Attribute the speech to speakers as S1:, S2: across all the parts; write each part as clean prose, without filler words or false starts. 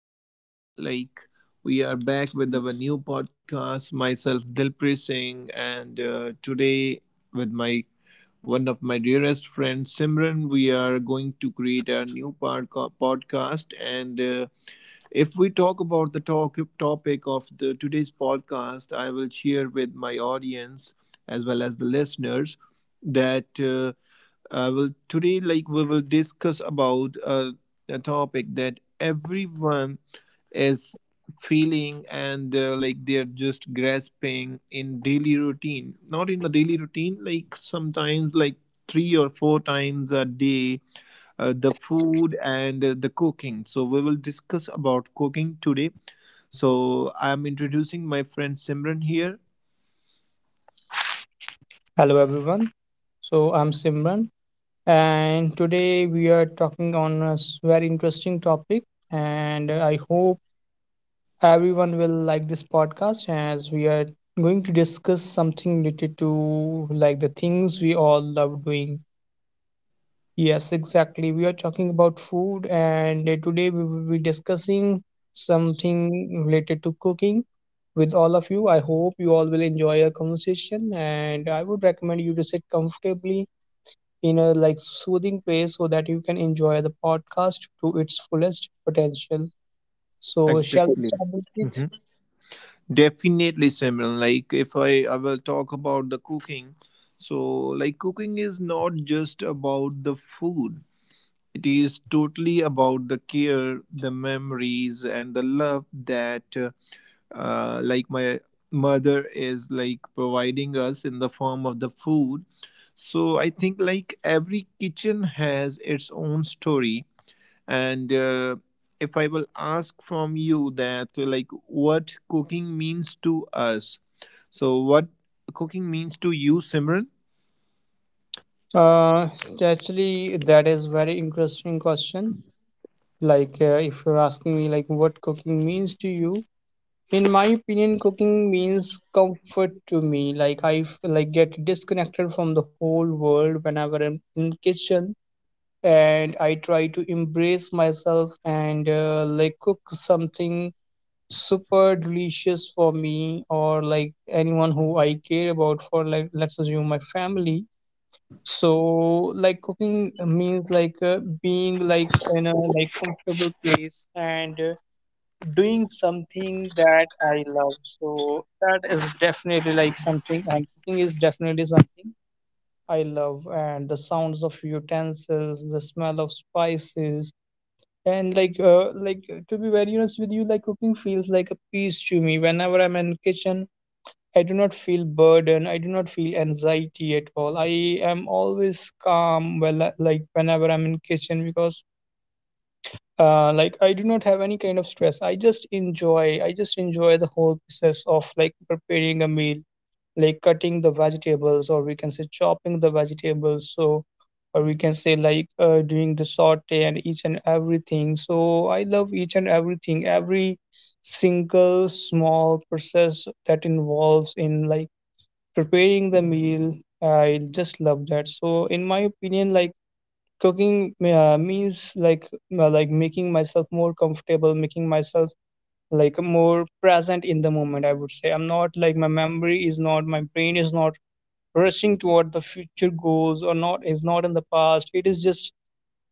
S1: everyone. Like we are back with our new podcast. Myself Dilpreet Singh, and today with my one of my dearest friends Simran, we are going to create a new podcast. And if we talk about the talk topic of the today's podcast, I will share with my audience as well as the listeners that. Well, today, like we will discuss about a topic that everyone is feeling and like they're just grasping in daily routine. Not in the daily routine, like sometimes like three or four times a day, the food and the cooking. So we will discuss about cooking today. So I'm introducing my friend Simran here.
S2: Hello everyone. So I'm Simran and today we are talking on very interesting topic and I hope everyone will like this podcast as we are going to discuss something related to like the things we all love doing. Yes, exactly. We are talking about food and today we will be discussing something related to cooking with all of you. I hope you all will enjoy our conversation and I would recommend you to sit comfortably in a like soothing place so that you can enjoy the podcast to its fullest potential. So shall we
S1: Exactly.
S2: start with it?
S1: Definitely, Simran. Like if I will talk about the cooking. So like cooking is not just about the food. It is totally about the care, the memories, and the love that like my mother is like providing us in the form of the food. So I think like every kitchen has its own story, and if I will ask from you that, like, what cooking means to us, so what cooking means to you, Simran?
S2: Uh, Actually, that is very interesting question. Like, if you're asking me, like, what cooking means to you, in my opinion, cooking means comfort to me. Like, like get disconnected from the whole world whenever I'm in kitchen, and I try to embrace myself and like cook something super delicious for me or like anyone who I care about for like let's assume my family. So like cooking means like being like in a like comfortable place and doing something that I love. So that is definitely like something and cooking is definitely something I love and the sounds of utensils, the smell of spices, and like, to be very honest with you, like cooking feels like a peace to me. Whenever I'm in kitchen, I do not feel burden. I do not feel anxiety at all. I am always calm. Well, like whenever I'm in kitchen because, like I do not have any kind of stress. I just enjoy. I just enjoy the whole process of like preparing a meal like cutting the vegetables or we can say chopping the vegetables so or we can say like doing the saute and each and everything so I love each and everything every single small process that involves in like preparing the meal I just love that so in my opinion like cooking means like making myself more comfortable making myself like more present in the moment I would say I'm not like my brain is not rushing toward the future goals or not is not in the past it is just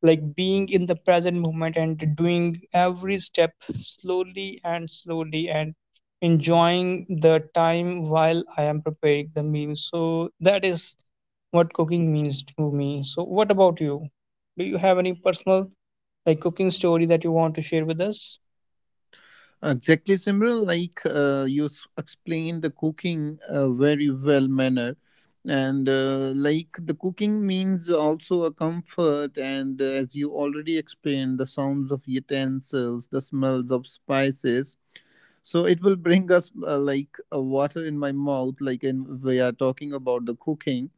S2: like being in the present moment and doing every step slowly and slowly and enjoying the time while I am preparing the meal so that is what cooking means to me so what about you do you have any personal like cooking story that you want to share with us.
S1: Exactly, Simran. Like you explained the cooking very well manner, and like the cooking means also a comfort. And as you already explained, the sounds of utensils, the smells of spices, so it will bring us like a water in my mouth, like in we are talking about the cooking.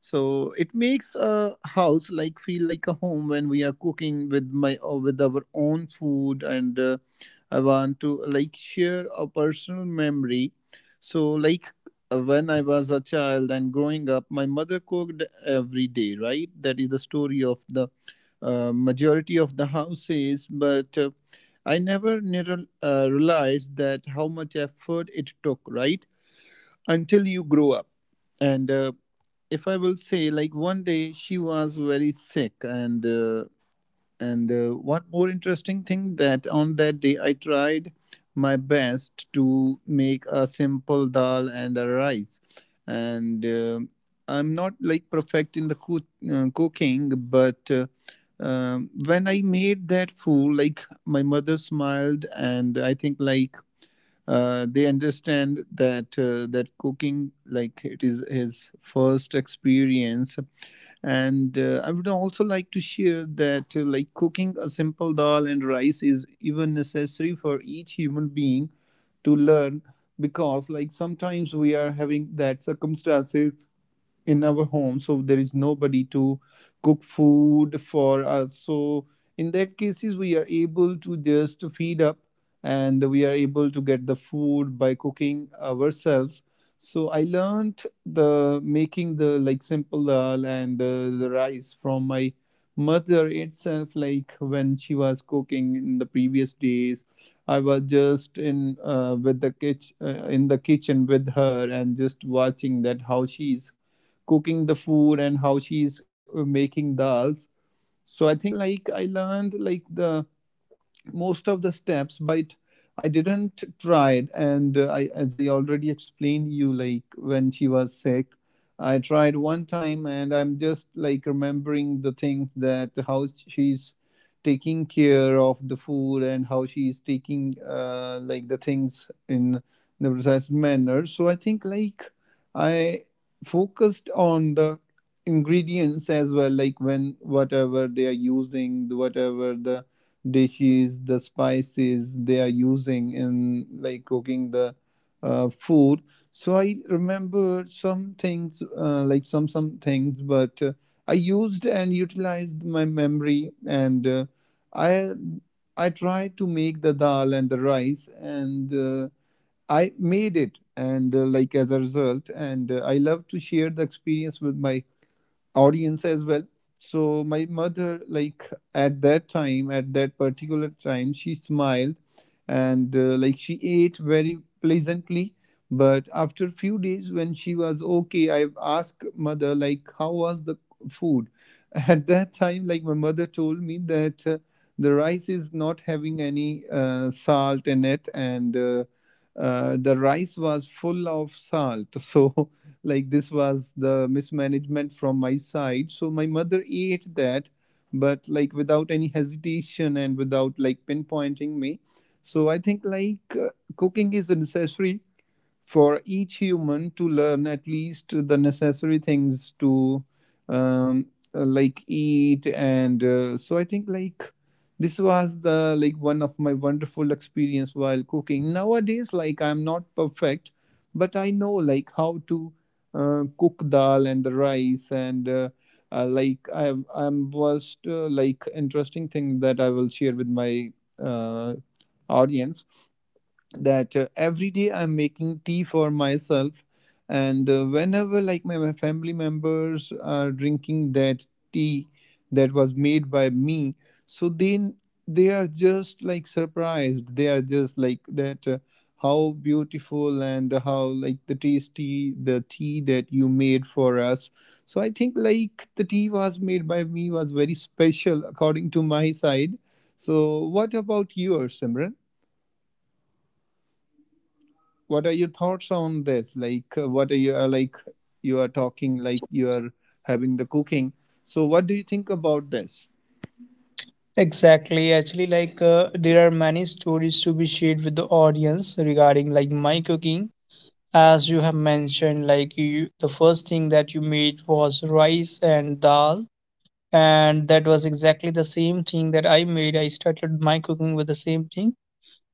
S1: So it makes a house like feel like a home when we are cooking with my with our own food, and I want to like share a personal memory. So like when I was a child and growing up, my mother cooked every day, right? That is the story of the majority of the houses, but I never realized that how much effort it took, right? Until you grow up. And if I will say, like one day she was very sick, and one more interesting thing that on that day I tried my best to make a simple dal and a rice. And I'm not like perfect in the cooking, but when I made that food, like my mother smiled, and I think like they understand that that cooking like it is his first experience. And I would also like to share that like cooking a simple dal and rice is even necessary for each human being to learn, because like sometimes we are having that circumstances in our home, so there is nobody to cook food for us. So in that cases we are able to just feed up and we are able to get the food by cooking ourselves. So I learned the making the like simple dal and the rice from my mother itself. Like when she was cooking in the previous days, I was just in with the kitchen, in the kitchen with her, and just watching that how she's cooking the food and how she's making dals. So I think like I learned like the most of the steps, but I didn't try it. And I, as I already explained you, like when she was sick I tried one time, and I'm just like remembering the things that how she's taking care of the food and how she's taking like the things in the precise manner. So I think like I focused on the ingredients as well, like when whatever they are using, whatever the dishes, the spices they are using in like cooking the food. So I remember some things, like some things, but I used and utilized my memory, and I I tried to make the dal and the rice, and I made it, and like as a result, and I love to share the experience with my audience as well. So my mother, like at that time, at that particular time, she smiled, and like she ate very pleasantly. But after few days when she was okay, I asked mother like how was the food at that time. Like my mother told me that the rice is not having any salt in it, and the rice was full of salt. So like this was the mismanagement from my side, so my mother ate that, but like without any hesitation and without like pinpointing me. So I think like cooking is a necessary for each human to learn, at least the necessary things to um, like eat. And so I think like this was the like one of my wonderful experience while cooking. Nowadays like I'm not perfect, but I know like how to cook dal and the rice. And like I I'm was like interesting thing that I will share with my uh, audience, that every day I'm making tea for myself, and whenever like my family members are drinking that tea that was made by me, so then they are just like surprised. They are just like that. How beautiful and how like the tasty the tea that you made for us. So I think like the tea was made by me was very special according to my side. So what about yours, Simran? What are your thoughts on this, like what are you like, you are talking like you are having the cooking, so what do you think about this?
S2: Exactly. Actually, like there are many stories to be shared with the audience regarding like my cooking. As you have mentioned like you the first thing that you made was rice and dal and that was exactly the same thing that I made. I started my cooking with the same thing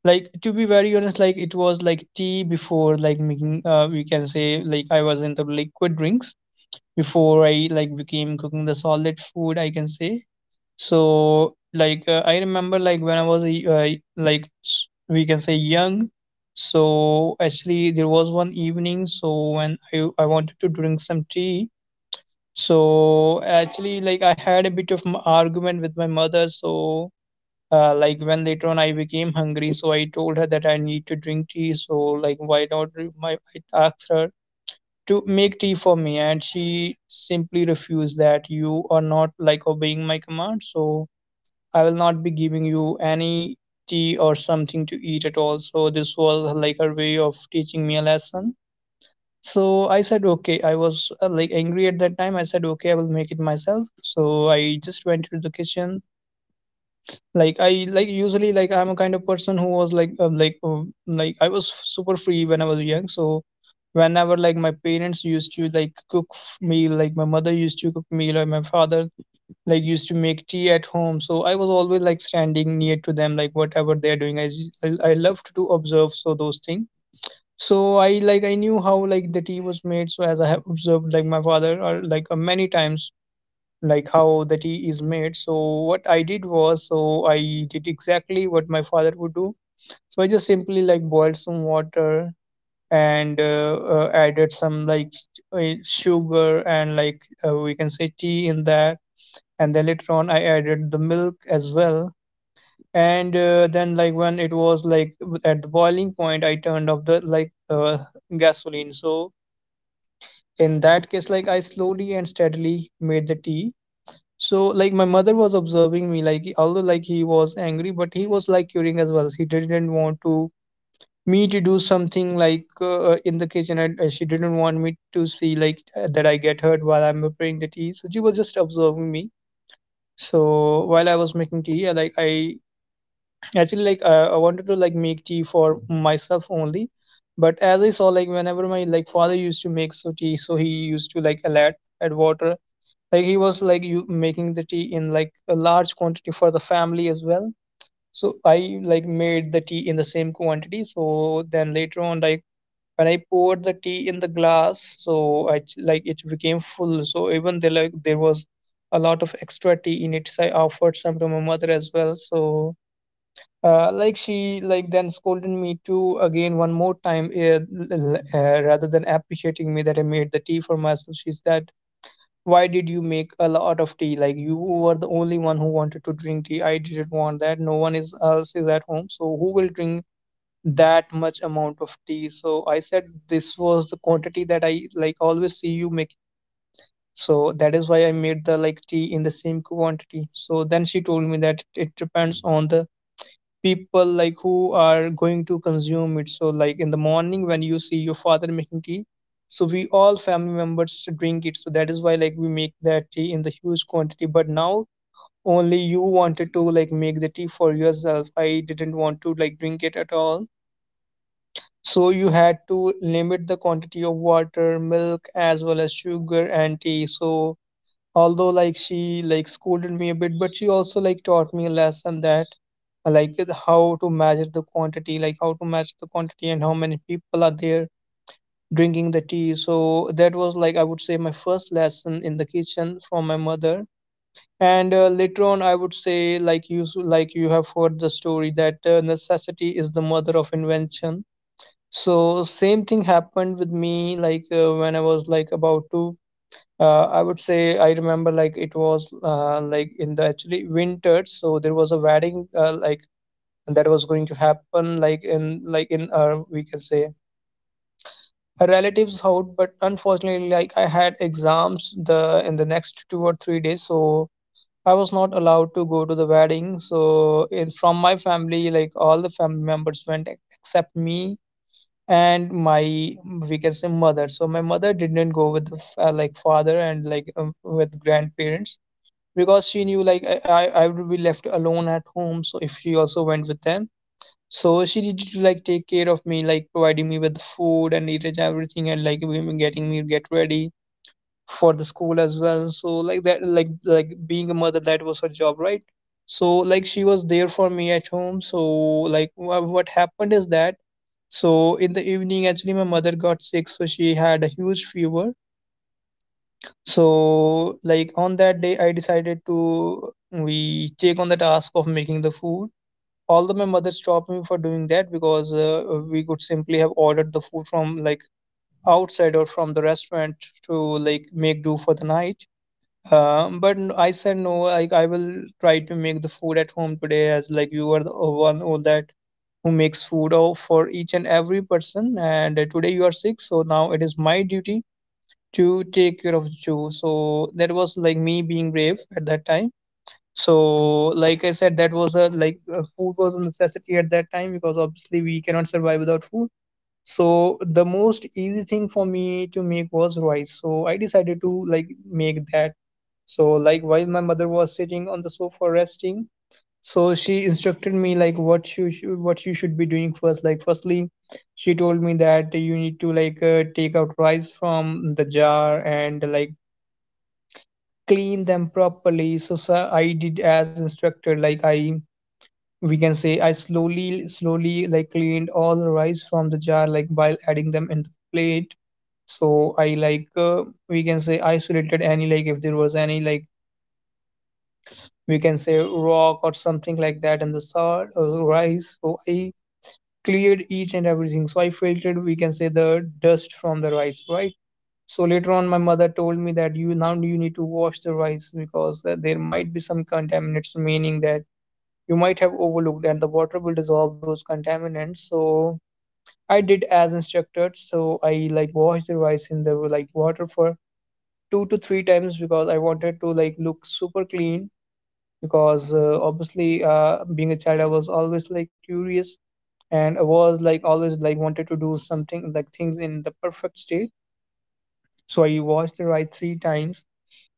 S2: like to be very honest like it was like tea before like making we can say like I was into liquid drinks before I like became cooking the solid food I can say. So, like, I remember, like, when I was, like, we can say young. So, actually, there was one evening. So, when I wanted to drink some tea. So, actually, like, I had a bit of m argument with my mother. So, like, when later on I became hungry, so I told her that I need to drink tea. So, like, why not? I asked her to make tea for me, and she simply refused that you are not, like, obeying my command. So, I will not be giving you any tea or something to eat at all. So this was like her way of teaching me a lesson. So I said, okay, I was like angry at that time. I said, okay, I will make it myself. So I just went to the kitchen. Like I like usually like I'm a kind of person who was like like I was super free when I was young. So whenever like my parents used to like meal, like my mother used to cook meal or my father like used to make tea at home so I was always like standing near to them like whatever they're doing I loved to observe so those things so I like I knew how like the tea was made so as I have observed like my father or like many times like how the tea is made so what I did was so I did exactly what my father would do so I just simply like boiled some water and added some like sugar and like we can say tea in that and then later on I added the milk as well and then like when it was like at the boiling point I turned off the like gasoline so in that case like I slowly and steadily made the tea so like my mother was observing me like although like he was angry but he was like curious as well he didn't want to me to do something like in the kitchen and she didn't want me to see like that I get hurt while I'm preparing the tea so she was just observing me. So while I was making tea, I like I actually like I wanted to like make tea for myself only, but as I saw like whenever my like father used to make so tea, so he used to like add water. Like he was like you making the tea in like a large quantity for the family as well. So I like made the tea in the same quantity. So then later on, like when I poured the tea in the glass, so like it became full. So even there like there was a lot of extra tea in it. So I offered some to my mother as well. So like she like then scolded me too again one more time rather than appreciating me that I made the tea for myself. She said, "Why did you make a lot of tea? Like you were the only one who wanted to drink tea. I didn't want that. No one is else is at home. So who will drink that much amount of tea?" So I said this was the quantity that I like always see you make. So that is why I made the like tea in the same quantity. So then she told me that it depends on the people like who are going to consume it. So like in the morning when you see your father making tea, so we all family members drink it. So that is why like we make that tea in the huge quantity. But now only you wanted to like make the tea for yourself. I didn't want to like drink it at all so you had to limit the quantity of water, milk, as well as sugar and tea. So although like she like scolded me a bit, but she also like taught me a lesson that how to measure the quantity, like how to match the quantity and how many people are there drinking the tea. So that was like I would say my first lesson in the kitchen from my mother. And later on, I would say like like you have heard the story that necessity is the mother of invention. So same thing happened with me when I was like about to I would say I remember it was in the actually winter. So there was a wedding, and that was going to happen in our, we can say, her relatives house. But unfortunately, I had exams the in the next 2 or 3 days, so I was not allowed to go to the wedding. So in from my family, all the family members went except me and my, we can say, mother. So my mother didn't go with the father and with grandparents, because she knew I would be left alone at home. So if she also went with them, so she did to like take care of me, like providing me with the food and eating everything, and like we getting me get ready for the school as well. So like that, being a mother, that was her job, right? So like she was there for me at home. So what happened is that, so in the evening, actually my mother got sick, so she had a huge fever. So like on that day, I decided to we take on the task of making the food, although my mother stopped me for doing that, because we could simply have ordered the food from like outside or from the restaurant to like make do for the night. But I said no, like I will try to make the food at home today, as like you are the one who makes food for each and every person, and today you are sick, so now it is my duty to take care of you. So that was like me being brave at that time. So like I said, that was a food was a necessity at that time, because obviously we cannot survive without food. So the most easy thing for me to make was rice. So I decided to like make that. So like while my mother was sitting on the sofa resting, so she instructed me like what you should be doing first. Like firstly, she told me that you need to take out rice from the jar and like clean them properly. So I did as instructed. Like I, we can say, I slowly slowly like cleaned all the rice from the jar, like while adding them in the plate. So I we can say isolated any, like if there was any, like we can say, rock or something like that and the salt or rice. So I cleared each and everything. So I filtered, we can say, the dust from the rice, right? So later on my mother told me that you now you need to wash the rice, because there might be some contaminants, meaning that you might have overlooked, and the water will dissolve those contaminants. So I did as instructed. So I like washed the rice in the like water for two to three times, because I wanted to like look super clean, because obviously being a child, I was always like curious, and I was like always like wanted to do something like things in the perfect state. So I watched the ride three times.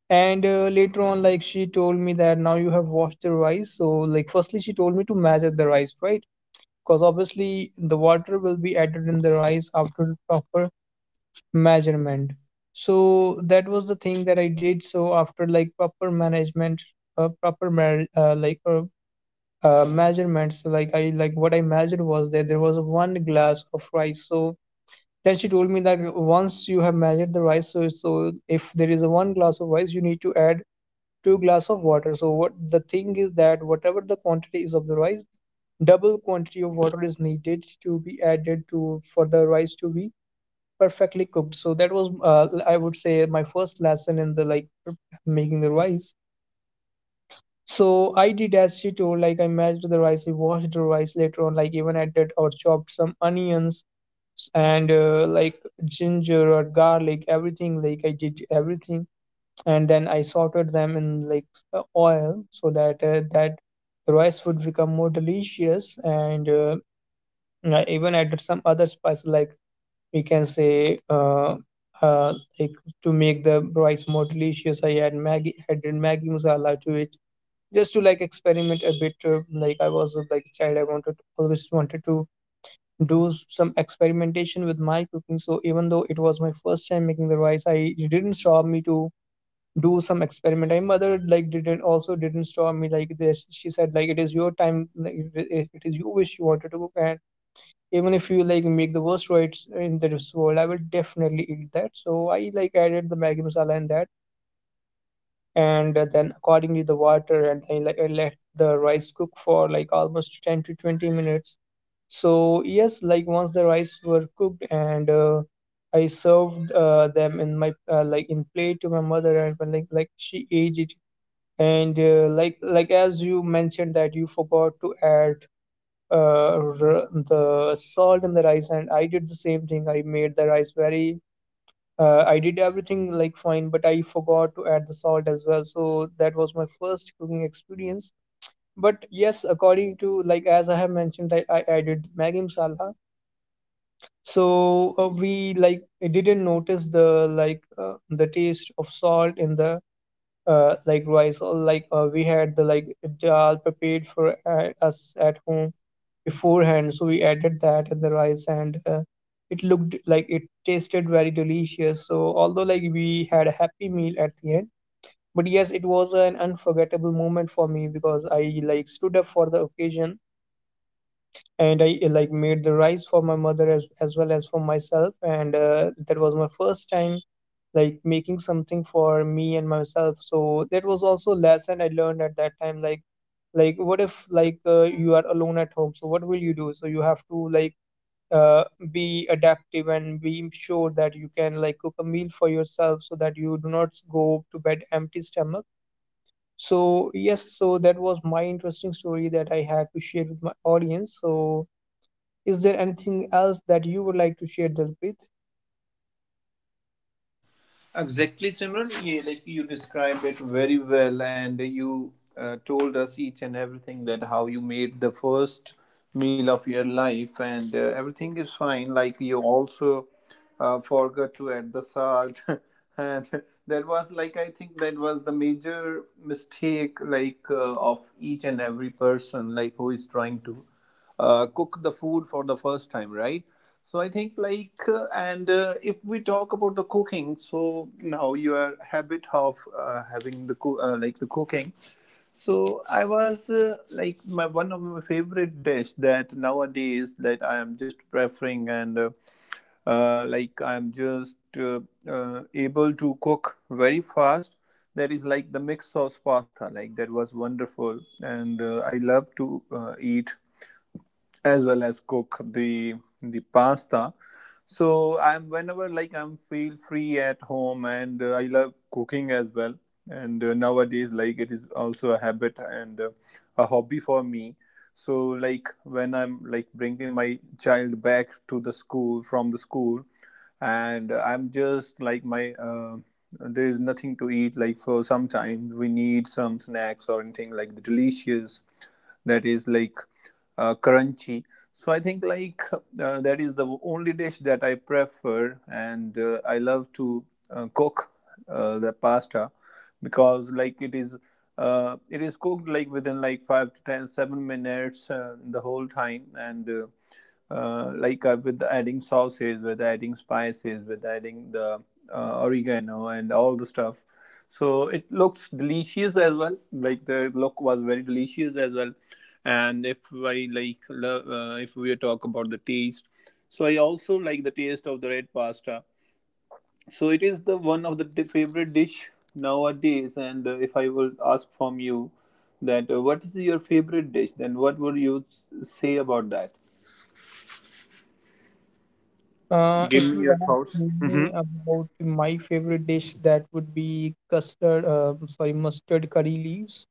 S2: And later on, like she told me that now you have washed the rice. So like firstly, she told me to measure the rice, right? Because obviously the water will be added in the rice after the proper measurement. So that was the thing that I did. So after like proper management, proper mar- like measurements. So like I like what I measured was that there was one glass of rice. So then she told me that once you have measured the rice, so if there is a one glass of rice, you need to add two glass of water. So what the thing is that whatever the quantity is of the rice, double quantity of water is needed to be added to for the rice to be perfectly cooked. So that was I would say my first lesson in the like making the rice. So I did as she told. Like I mashed the rice, we washed the rice later on, like even added or chopped some onions and like ginger or garlic, everything. Like I did everything, and then I sauteed them in like oil, so that the rice would become more delicious. And I even added some other spices, like, we can say, uh, like to make the rice more delicious. I added Maggi masala to it, just to like experiment a bit. Uh, like i was uh, like a child, I wanted always wanted to do some experimentation with my cooking. So even though it was my first time making the rice, I it didn't stop me to do some experiment. My mother like didn't stop me like this. She said like it is your time, like it is you wish, you wanted to cook. And even if you like make the worst rice in this world, I will definitely eat that. So I like added the Maggi masala in that, and then accordingly the water. And I let the rice cook for like almost 10 to 20 minutes. So yes, like once the rice were cooked, and I served them in my like in plate to my mother. And when, like she ate it, and as you mentioned that you forgot to add uh, the salt in the rice, and I did the same thing. I made the rice very I did everything like fine, but I forgot to add the salt as well. So that was my first cooking experience. But yes, according to, like as I have mentioned, that I added Maggi masala. So we like I didn't notice the the taste of salt in the rice. Or we had the like dal prepared for us at home beforehand, so we added that in the rice, and it looked like it tasted very delicious. So although like we had a happy meal at the end, but yes, it was an unforgettable moment for me, because I like stood up for the occasion, and I like made the rice for my mother as well as for myself. And that was my first time like making something for me and myself. So that was also a lesson I learned at that time, like what if you are alone at home, so what will you do? So you have to uh, be adaptive and be sure that you can like cook a meal for yourself, so that you do not go to bed empty stomach. So yes, so that was my interesting story that I had to share with my audience. So is there anything else that you would like to share, Dalpreet?
S1: Exactly, Simran. Yeah, like you described it very well, and you told us each and everything that how you made the first meal of your life, and everything is fine. Like you also forgot to add the salt, and that was like, I think that was the major mistake, like of each and every person, like who is trying to cook the food for the first time, right? So I think like, and if we talk about the cooking, so now your habit of having the like the cooking. So I was like my, one of my favorite dish that nowadays that I am just preferring, and like I am just able to cook very fast. That is like the mixed sauce pasta. Like that was wonderful, and I love to eat as well as cook the pasta. So I'm whenever like I'm feel free at home, and I love cooking as well. And nowadays like it is also a habit and a hobby for me. So like when I'm like bringing my child back to the school from the school, and I'm just like my there is nothing to eat. Like for sometimes we need some snacks or anything like the delicious that is like crunchy. So I think like that is the only dish that I prefer, and I love to cook the pasta, because like it is cooked like within like 5 to 10 7 minutes the whole time and. Like with adding sauces, with adding spices, with adding the oregano and all the stuff. So it looks delicious as well. Like the look was very delicious as well. And if I if we talk about the taste, so I also like the taste of the red pasta. So it is the one of the favorite dish nowadays. And if I will ask from you that what is your favorite dish, then what would you say about that? Give
S2: If
S1: me
S2: you
S1: your
S2: ask
S1: thoughts. Hmm.
S2: me about my favorite dish, that would be custard, sorry, mustard curry leaves,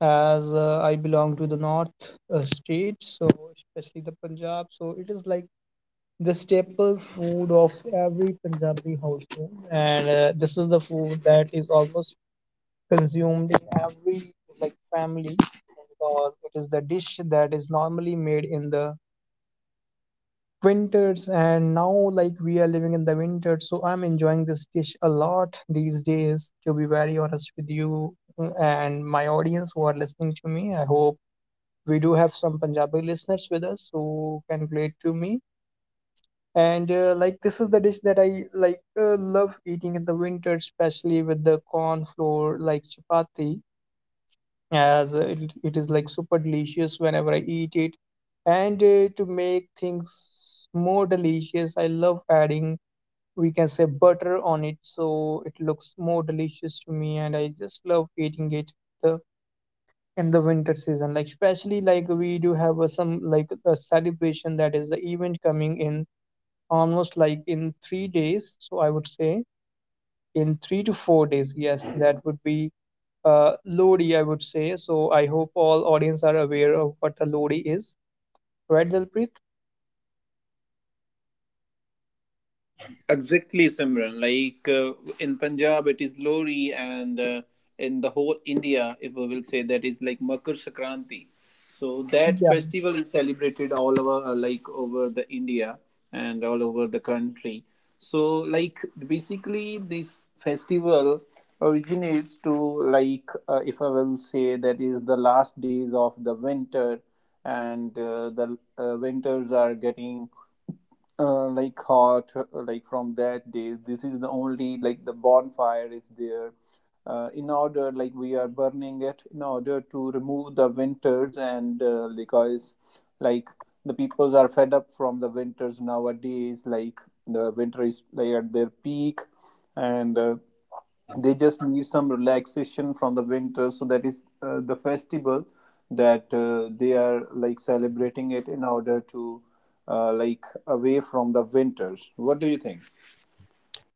S2: as I belong to the north state, so especially the Punjab. So it is like the staple food of every Punjabi household, and this is the food that is almost consumed in every like family, because it is the dish that is normally made in the winters. And now like we are living in the winter, so I'm enjoying this dish a lot these days, to be very honest with you. Mm, and my audience who are listening to me, I hope we do have some Punjabi listeners with us who can relate to me. And like this is the dish that I love eating in the winter, especially with the corn flour like chapati, as it is like super delicious whenever I eat it. And to make things more delicious, I love adding, we can say, butter on it, so it looks more delicious to me, and I just love eating it the in the winter season. Like especially like we do have some like a celebration, that is the event coming in almost like in 3 days, so I would say in 3 to 4 days, yes, that would be Lodi, I would say. So I hope all audience are aware of what a Lodi is, right, Dilpreet?
S1: Exactly, Simran. Like in Punjab, it is Lori, and in the whole India, if we will say, that is like Makar Sankranti. So that
S2: Yeah.
S1: festival is celebrated all over, like over the India and all over the country. So like basically, this festival originates to like if I will say, that is the last days of the winter, and the winters are getting like hot, like from that day. This is the only like the bonfire is there in order, like we are burning it in order to remove the winters. And because like the peoples are fed up from the winters nowadays, like the winter is like at their peak, and they just need some relaxation from the winter. So that is the festival that they are like celebrating it in order to like away from the winters. What do you think?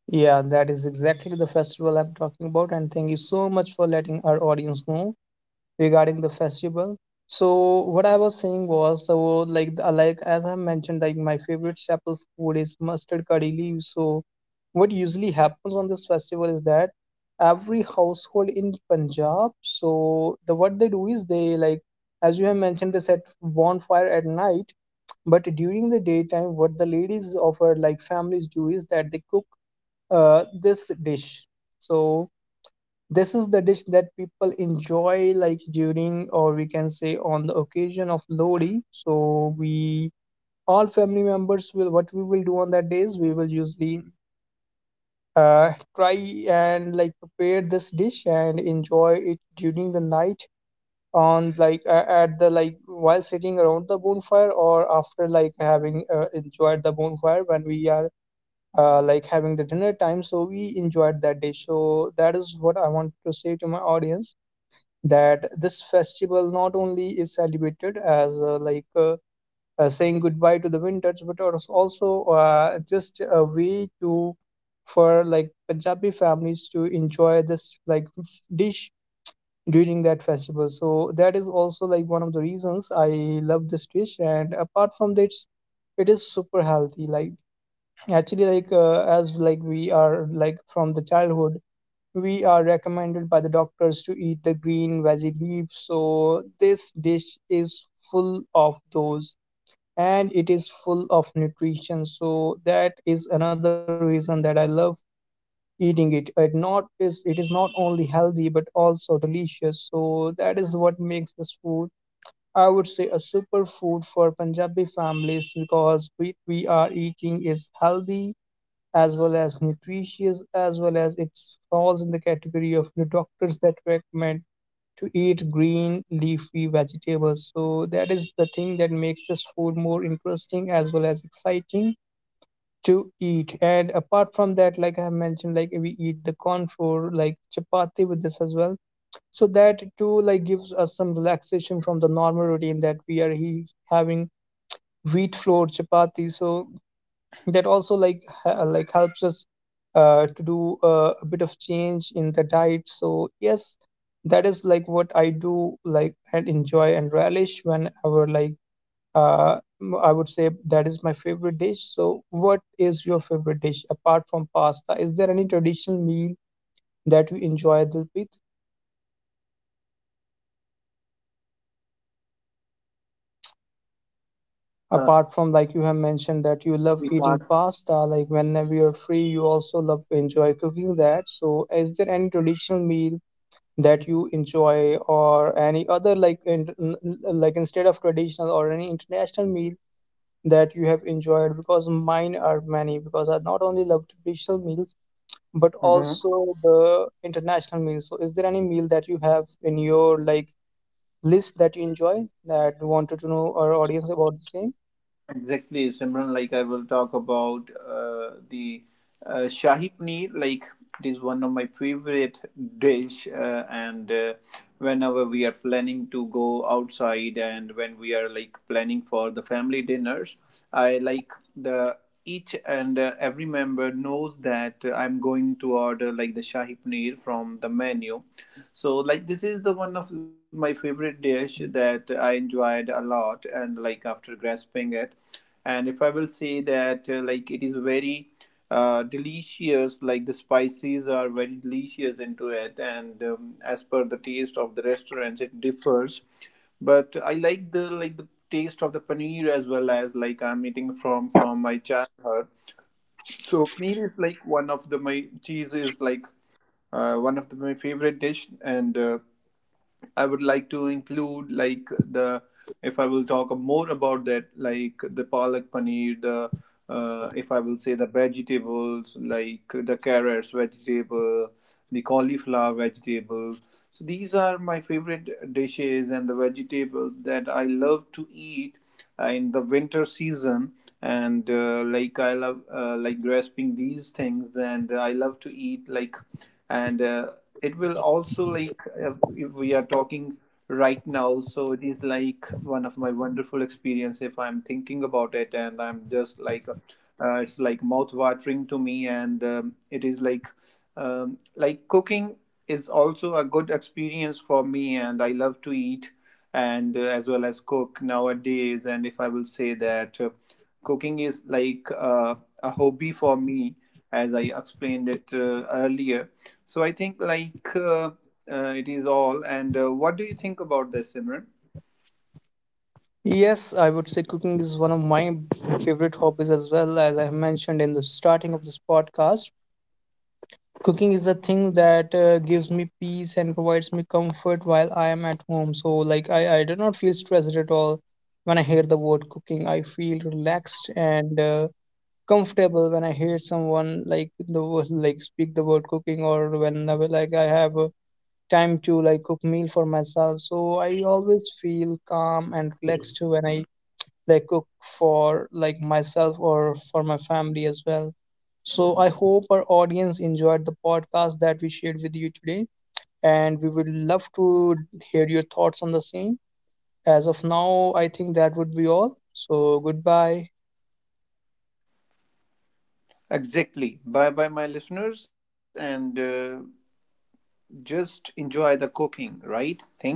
S2: Yeah, that is exactly the festival I'm talking about, and thank you so much for letting our audience know regarding the festival. So what I was saying was, so as I mentioned, like my favorite staple food is mustard curry leaves. So what usually happens on this festival is that every household in Punjab, so the what they do is, they like, as you have mentioned, they set bonfire at night, but during the daytime what the ladies of our like families do is that they cook this dish. So this is the dish that people enjoy like during, or we can say on the occasion of Lodi. So we all family members will, what we will do on that days, we will usually try and like prepare this dish and enjoy it during the night, on like at the like while sitting around the bonfire, or after like having enjoyed the bonfire, when we are having the dinner time, so we enjoyed that dish. So that is what I want to say to my audience, that this festival not only is celebrated as saying goodbye to the winters, but it is also just a way to for like Punjabi families to enjoy this dish during that festival. So that is also like one of the reasons I love this dish. And apart from this, it is super healthy. Like actually as like we are like from the childhood, we are recommended by the doctors to eat the green veggie leaves. So this dish is full of those, and it is full of nutrition. So that is another reason that I love eating it. It not is it is not only healthy but also delicious. So that is what makes this food, I would say, a superfood for Punjabi families, because what we are eating is healthy as well as nutritious, as well as it falls in the category of the doctors that recommend to eat green leafy vegetables. So that is the thing that makes this food more interesting as well as exciting to eat. And apart from that, like I have mentioned, like we eat the corn flour, like chapati with this as well. So that too like gives us some relaxation from the normal routine that we are having wheat flour chapati. So that also like helps us to do a bit of change in the diet. So yes, that is like what I do like and enjoy and relish, whenever like I would say that is my favorite dish. So what is your favorite dish apart from pasta? Is there any traditional meal that you enjoy, Dilpreet?
S1: Exactly, Simran, as you discussed about the cooking and the uh,
S2: Apart from
S1: we
S2: like you have
S1: can't.
S2: mentioned that you love eating pasta, like whenever you're free you also love enjoy cooking that, so is there any traditional meal that you enjoy, or any other like instead of traditional or any international meal that you have enjoyed? Because mine are many, because I not only love traditional meals but also the international meals. So is there any meal that you have in your like list that you enjoy, that you wanted to know our audience about the same?
S1: Exactly, Simran. Like I will talk about the shahi paneer. Like it is one of my favorite dish, and whenever we are planning to go outside and when we are like planning for the family dinners, I like the each and every member knows that I'm going to order like the shahi paneer from the menu. So like this is the one of my favorite dish that I enjoyed a lot and like after grasping it. And if I will say that like it is very delicious, like the spices are very delicious into it. And as per the taste of the restaurants it differs, but I like the taste of the paneer as well. As like I'm eating from my childhood, so paneer is like one of the, my cheese is like one of the, my favorite dish. And I would like to include like the, if I will talk more about that, like the palak paneer, the if I will say, the vegetables like the carrots vegetable, the cauliflower vegetable. So these are my favorite dishes and the vegetables that I love to eat in the winter season. And like I love like grasping these things, and I love to eat like, and it will also like if we are talking right now, so it is like one of my wonderful experience. If I'm thinking about it and I'm just like it's like mouth watering to me. And it is like cooking is also a good experience for me, and I love to eat and as well as cook nowadays. And if I will say that cooking is like a hobby for me, as I explained it earlier. So I think like it is all. And what do you think about this, Simran?
S2: Yes, I would say cooking is one of my favorite hobbies as well, as I have mentioned in the starting of this podcast. Cooking is the thing that gives me peace and provides me comfort while I am at home. So like I do not feel stressed at all when I hear the word cooking. I feel relaxed and comfortable when I hear someone like speak the word cooking, or whenever like I have time to like cook meal for myself. So I always feel calm and relaxed when I like cook for like myself or for my family as well. So I hope our audience enjoyed the podcast that we shared with you today, and we would love to hear your thoughts on the same. As of now, I think that would be all. So goodbye.
S1: Exactly. Bye bye, my listeners, and just enjoy the cooking, right? Thank you.